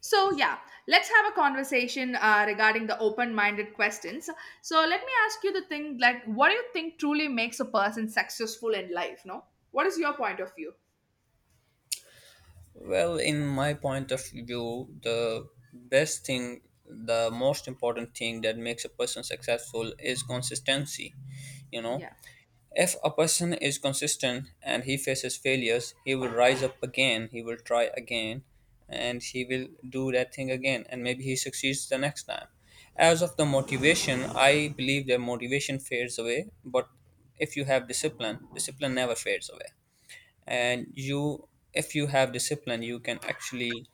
So, yeah, let's have a conversation regarding the open minded questions. So, let me ask you the thing like, what do you think truly makes a person successful in life? No, what is your point of view? Well, in my point of view, the best thing, the most important thing that makes a person successful is consistency. You know, Yeah. if a person is consistent and he faces failures, he will rise up again, he will try again, and he will do that thing again, and maybe he succeeds the next time. As of the motivation, I believe that motivation fades away, but if you have discipline, discipline never fades away, and you if you have discipline you can actually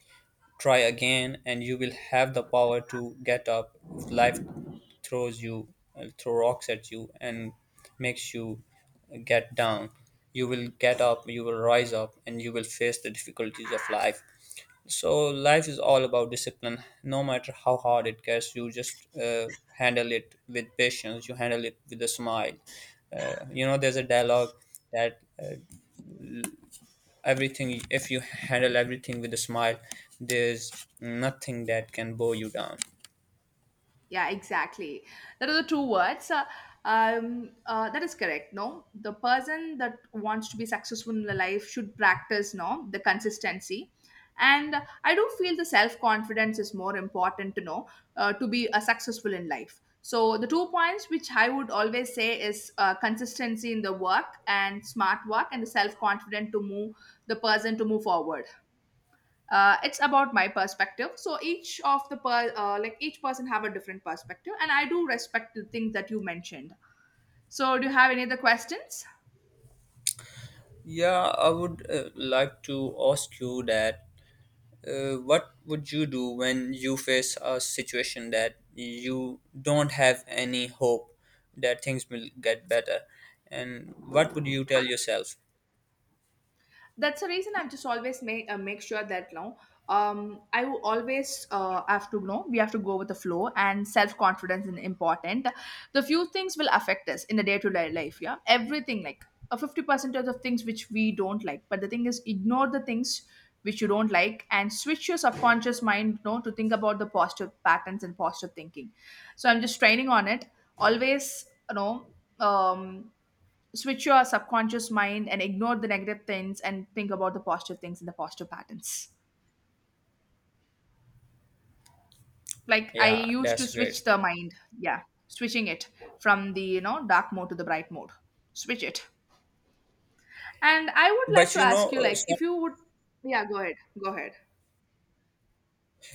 try again, and you will have the power to get up if life throws you throw rocks at you and makes you get down. You will get up, you will rise up, and you will face the difficulties of life. So life is all about discipline. No matter how hard it gets, you just handle it with patience, you handle it with a smile. You know, there's a dialogue that, everything, if you handle everything with a smile, there's nothing that can bow you down. Yeah, exactly. That are the two words. That is correct. No, the person that wants to be successful in their life should practice. No, the consistency, and I do feel the self confidence is more important to know to be a successful in life. So the two points which I would always say is consistency in the work and smart work, and the self confident to move the person to move forward. Uh, it's about my perspective, so each of the like each person have a different perspective, and I do respect the things that you mentioned. So do you have any other questions? Yeah, I would like to ask you that, what would you do when you face a situation that you don't have any hope that things will get better, and what would you tell yourself? That's the reason I'm just always make sure that, no, I will always have to know we have to go with the flow, and self confidence is important. The few things will affect us in the day to day life. Yeah, everything like a 50% of things which we don't like, but the thing is ignore the things which you don't like and switch your subconscious mind, no, to think about the positive patterns and positive thinking. So I'm just training on it always. Um Switch your subconscious mind and ignore the negative things, and think about the positive things and the positive patterns, like I Yeah, used to that's great. switch the mind. Yeah, switching it from the dark mode to the bright mode. Switch it, and I would like But to you ask know, you uh, like some if you would. Yeah, go ahead, go ahead.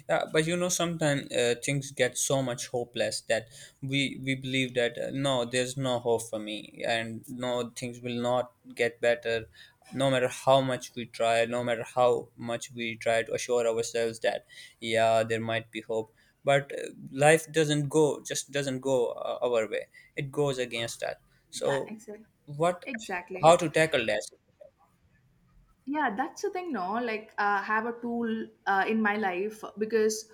Yeah, but you know, sometimes things get so much hopeless that we believe that, no, there's no hope for me, and no, things will not get better, no matter how much we try, no matter how much we try to assure ourselves that yeah, there might be hope. But life doesn't go, just doesn't go our way; it goes against us. Yeah, So, exactly, what? exactly. How to tackle that? Yeah, that's the thing, no, like, have a tool in my life because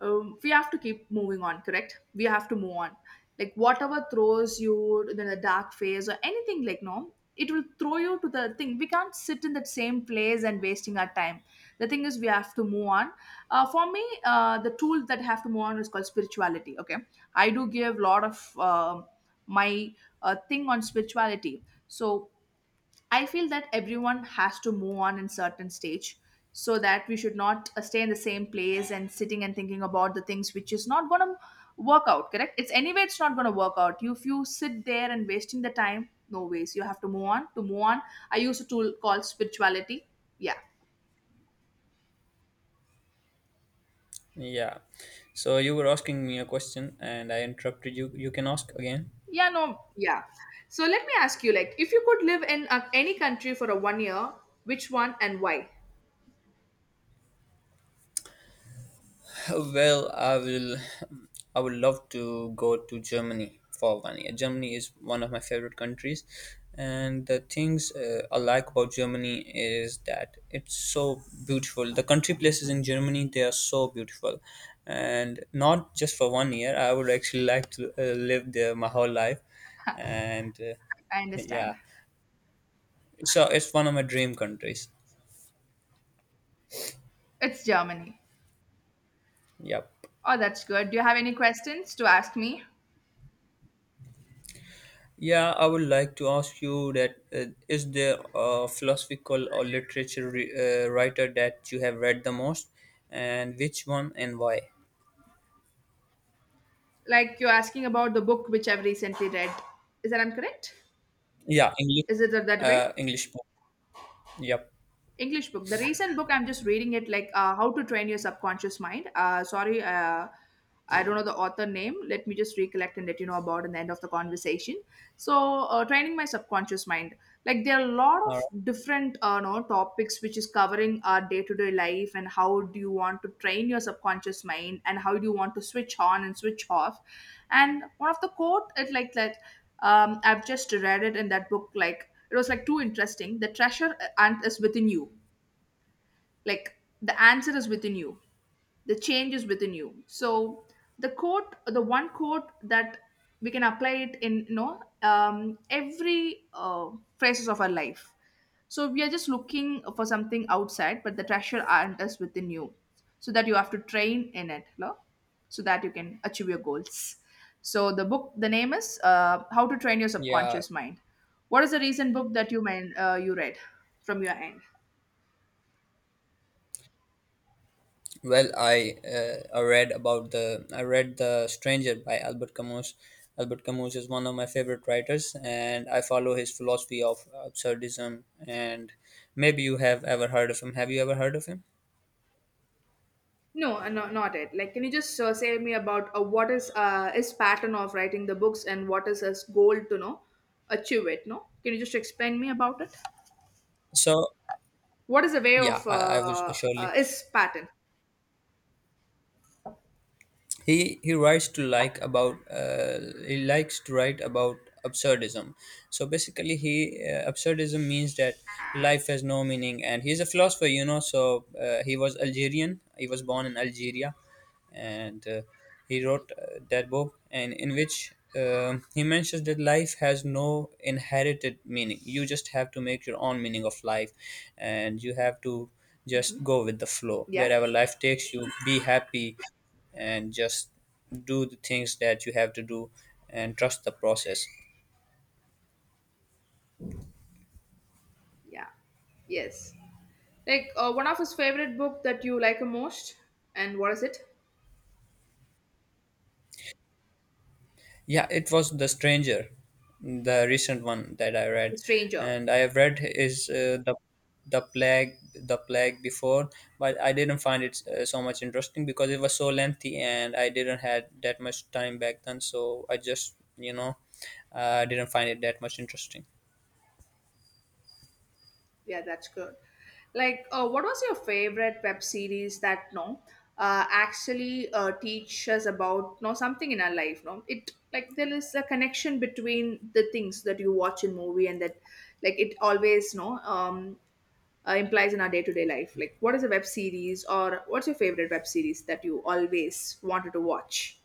we have to keep moving on, correct. We have to move on. Like whatever throws you in the dark phase or anything like, no, it will throw you to the thing. We can't sit in that same place and wasting our time. The thing is we have to move on. For me, the tool that I have to move on is called spirituality, okay. I do give a lot of my thing on spirituality. So I feel that everyone has to move on in certain stage, so that we should not stay in the same place and sitting and thinking about the things which is not going to work out, correct. It's anyway it's not going to work out. You, if you sit there and wasting the time, no ways, you have to move on. To move on, I use a tool called spirituality. Yeah. Yeah. So you were asking me a question, and I interrupted you. You can ask again. Yeah, no, yeah, so let me ask you like if you could live in any country for a one year, which one and why? Well, I will. I would love to go to Germany for 1 year. Germany is one of my favorite countries, and the things I like about Germany is that it's so beautiful. The country places in Germany, they are so beautiful, and not just for 1 year. I would actually like to live there my whole life, and I understand. yeah, so it's one of my dream countries. It's Germany. Yep. Oh, that's good. Do you have any questions to ask me? Yeah, I would like to ask you that, is there a philosophical or literature writer that you have read the most, and which one and why? Like you're asking about the book which I've recently read. Is that I'm correct? Yeah, English. Is it that way? English book. Yep. English book. The recent book I'm just reading it like How to Train Your Subconscious Mind. Sorry, I don't know the author name. Let me just recollect and let you know about in the end of the conversation. So, training my subconscious mind. Like there are a lot All right. of different no topics which is covering our day to day life, and how do you want to train your subconscious mind and how do you want to switch on and switch off. And one of the quote it like that, I've just read it in that book like. It was like too interesting. The treasure ant is within you. Like the answer is within you, the change is within you. So the quote, the one quote that we can apply it in, every phases of our life, so we are just looking for something outside, but the treasure aren't us within you, so that you have to train in it, no? So that you can achieve your goals. So the book, the name is how to train your Yeah. subconscious mind. What is the recent book that you you read from your end? Well, I read about the I read The Stranger by Albert Camus. Albert Camus is one of my favorite writers, and I follow his philosophy of absurdism. And maybe you have ever heard of him. Have you ever heard of him? No, no, not it. Like, can you just say me about what is his pattern of writing the books and what is his goal to know achieve it? No, can you just explain me about it? So What is the way yeah, of I will surely. his pattern? He writes to, like, about he likes to write about absurdism. So basically, he, absurdism means that life has no meaning, and he's a philosopher, you know. So he was Algerian. He was born in Algeria, and he wrote that book, and in which he mentions that life has no inherited meaning. You just have to make your own meaning of life, and you have to just go with the flow. Yeah, Wherever life takes you, be happy, and just do the things that you have to do and trust the process. yeah, yes. Like one of his favorite book that you like the most, and what is it? Yeah, it was The Stranger, the recent one that I read, The Stranger. and I have read is the The Plague before, but I didn't find it so much interesting because it was so lengthy and I didn't had that much time back then, so I just, you know, didn't find it that much interesting. Yeah, that's good. Like, what was your favorite web series that, no, actually teach us about, no, something in our life? No, it like there is a connection between the things that you watch in movie and that, like it always, no, implies in our day to day life. Like, what is a web series or what's your favorite web series that you always wanted to watch?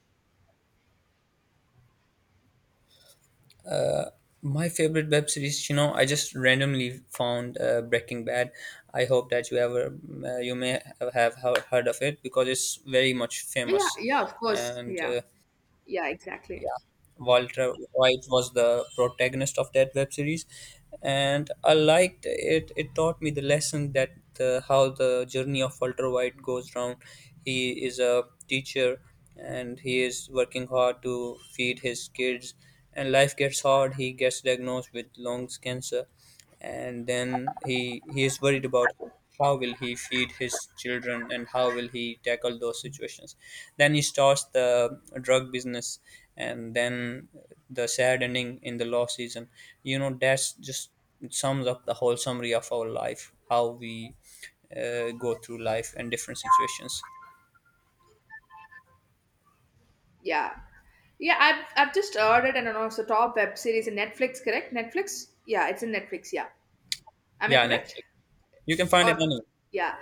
My favorite web series, you know, I just randomly found Breaking Bad. I hope that you ever you may have heard of it because it's very much Yeah, famous, yeah, of course. and Yeah, yeah, exactly. Walter White was the protagonist of that web series, and I liked it. It taught me the lesson that how the journey of Walter White goes round. He is a teacher, and he is working hard to feed his kids. And life gets hard. He gets diagnosed with lungs cancer, and then he is worried about how will he feed his children and how will he tackle those situations. Then he starts the drug business, and then the sad ending in the law season, you know, that's just sums up the whole summary of our life, how we go through life and different situations. Yeah. Yeah, I've just ordered and announced the top web series in Netflix, correct? Netflix? Yeah, it's in Netflix, yeah. Am I Yeah, correct? Netflix. You can find it Or anywhere. yeah,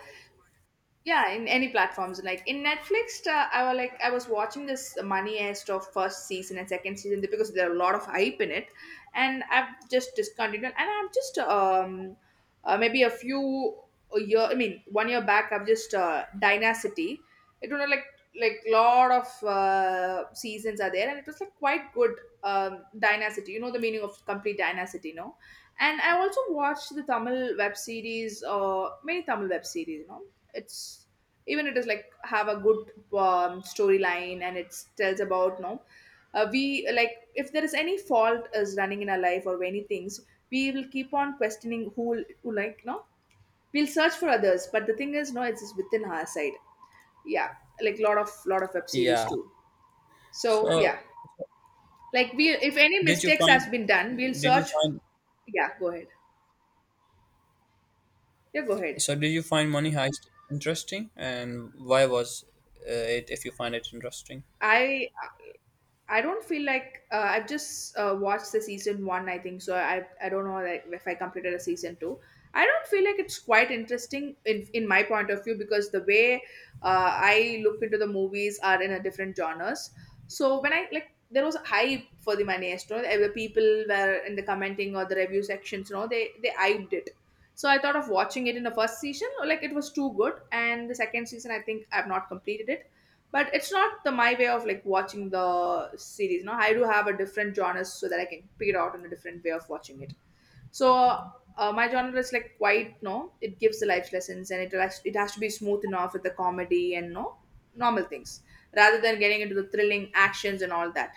yeah, in any platforms like in Netflix, I was like I was watching this Money Heist of first season and second season because there are a lot of hype in it, and I've just discontinued, and I'm just maybe a year, I mean one year back, I've just Dynasty. It was like lot of seasons are there, and it was like quite good. Dynasty, you know the meaning of complete dynasty, no? And I also watched the Tamil web series, many Tamil web series, you know. It's even it is like have a good storyline and it tells about, no, we like if there is any fault is running in our life or any things, we will keep on questioning who, like, no, we'll search for others, but the thing is, no, it's just within our side. Yeah, like lot of web series Yeah. too. So So yeah, like we if any did you mistakes has find been done we'll did you search. find Yeah, go ahead, yeah go ahead. So, did you find Money Heist interesting, and why was uh, it, if you find it interesting? I I don't feel like I've just watched the season one. I think so. I don't know like if I completed a season two. I don't feel like it's quite interesting in my point of view because the way I look into the movies are in a different genres. So when I, like, there was a hype for the Maestro. The people were in the commenting or the review sections. You know they hyped it. So I thought of watching it in the first season. Like it was too good, and the second season I think I've not completed it, but it's not the my way of like watching the series, no, I do have a different genres, so that I can pick it out in a different way of watching it. So my genre is like quite, no, it gives the life lessons, and it has to be smooth enough with the comedy and, no, normal things rather than getting into the thrilling actions and all that.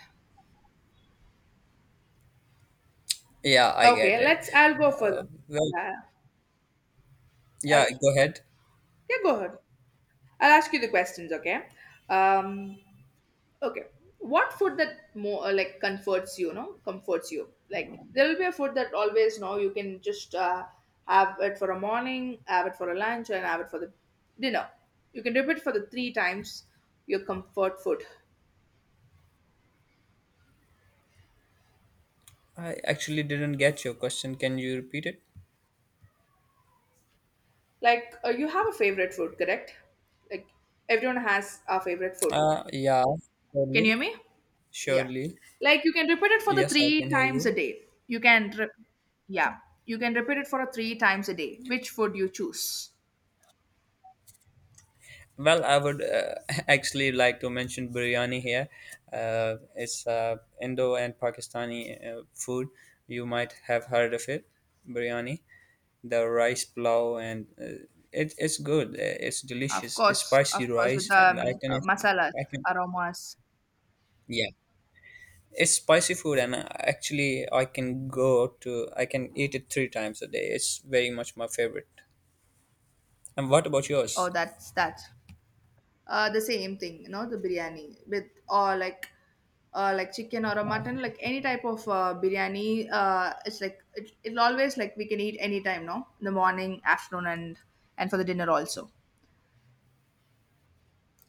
Yeah, I Okay, get it. let's I'll go further. Well, Yeah. yeah, I'll, go ahead. yeah, go ahead. I'll ask you the questions, okay. um Okay. What food that more like comforts you, no? Comforts you. Like there will be a food that always, no, you can just have it for a morning, have it for a lunch, and have it for the dinner. You can repeat for the three times your comfort food. I actually didn't get your question. Can you repeat it? Like you have a favorite food, correct? Like everyone has a favorite food. Yeah, Can you surely, hear me? Yeah. surely. Like you can repeat it for the Yes, I three can hear times a you. day. You can, yeah, you can repeat it for a three times a day. Which food you choose? Well, I would actually like to mention biryani here. It's Indo and Pakistani food. You might have heard of it, biryani. The rice plow and it's good. It's delicious. It's Of spicy course, with rice, the and masalas, I can, aromas. yeah. It's spicy food, and actually, I can eat it three times a day. It's very much my favorite. And what about Oh, yours? that's that. The same thing, the biryani with or like chicken or a mutton, like any type of biryani. It's like it'll always like we can eat anytime, no, in the morning, afternoon, and for the dinner also.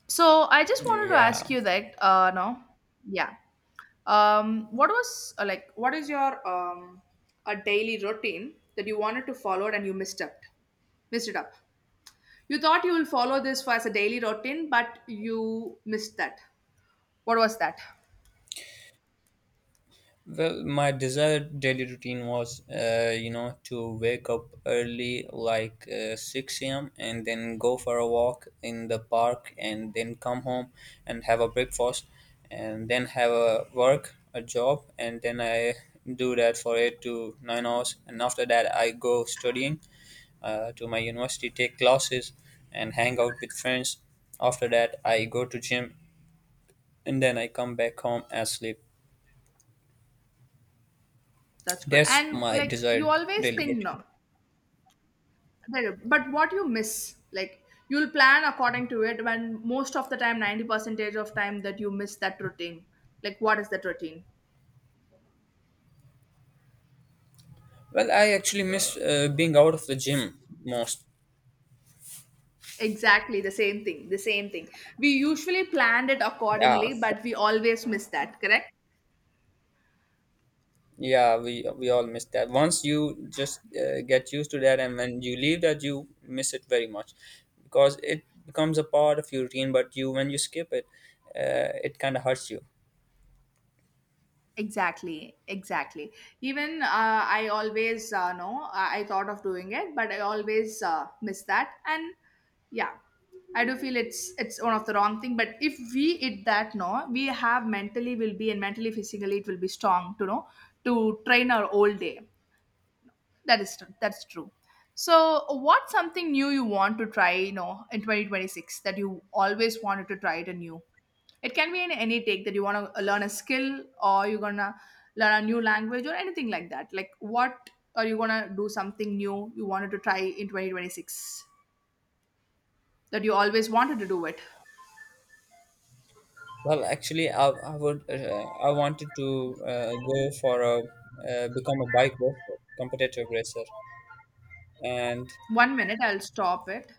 So I just Mm, wanted to ask yeah. you that, no, yeah, what was like, what is your a daily routine that you wanted to follow and you misstepped, missed it up? You thought you will follow this for as a daily routine, but you missed that. What was that? Well, my desired daily routine was, you know, to wake up early, like 6 a.m., and then go for a walk in the park, and then come home and have a breakfast, and then have a work, a job, and then I do that for 8 to 9 hours. And after that, I go studying to my university, take classes, and hang out with friends. After that, I go to gym, and then I come back home and sleep. That's good. That's And my like you desired always think, delegate. no. Well, but what you miss, like you'll plan according to it when most of the time, 90 percentage of time that you miss that routine. Like what is that routine? Well, I actually miss being out of the gym most. Exactly the same thing. The same thing. We usually planned it Yeah, accordingly, but we always miss that, correct? yeah, we all miss that. Once you just get used to that, and when you leave that, you miss it very much because it becomes a part of your routine. But you, when you skip it, it kind of hurts you. Exactly, exactly, even I always know I thought of doing it but I always miss that, and yeah, I do feel it's one of the wrong thing but if we eat that, no, we have mentally will be and mentally physically it will be strong to know to train our whole day. That is true. That's true. So, what's something new you want to try, in 2026 that you always wanted to try it anew? It can be in any take that you want to learn a skill or you're going to learn a new language or anything like that. Like, what are you going to do something new you wanted to try in 2026 that you always wanted to do it? Well, actually, I would I wanted to go for a become a bike racer, competitive racer, and 1 minute, I'll stop it.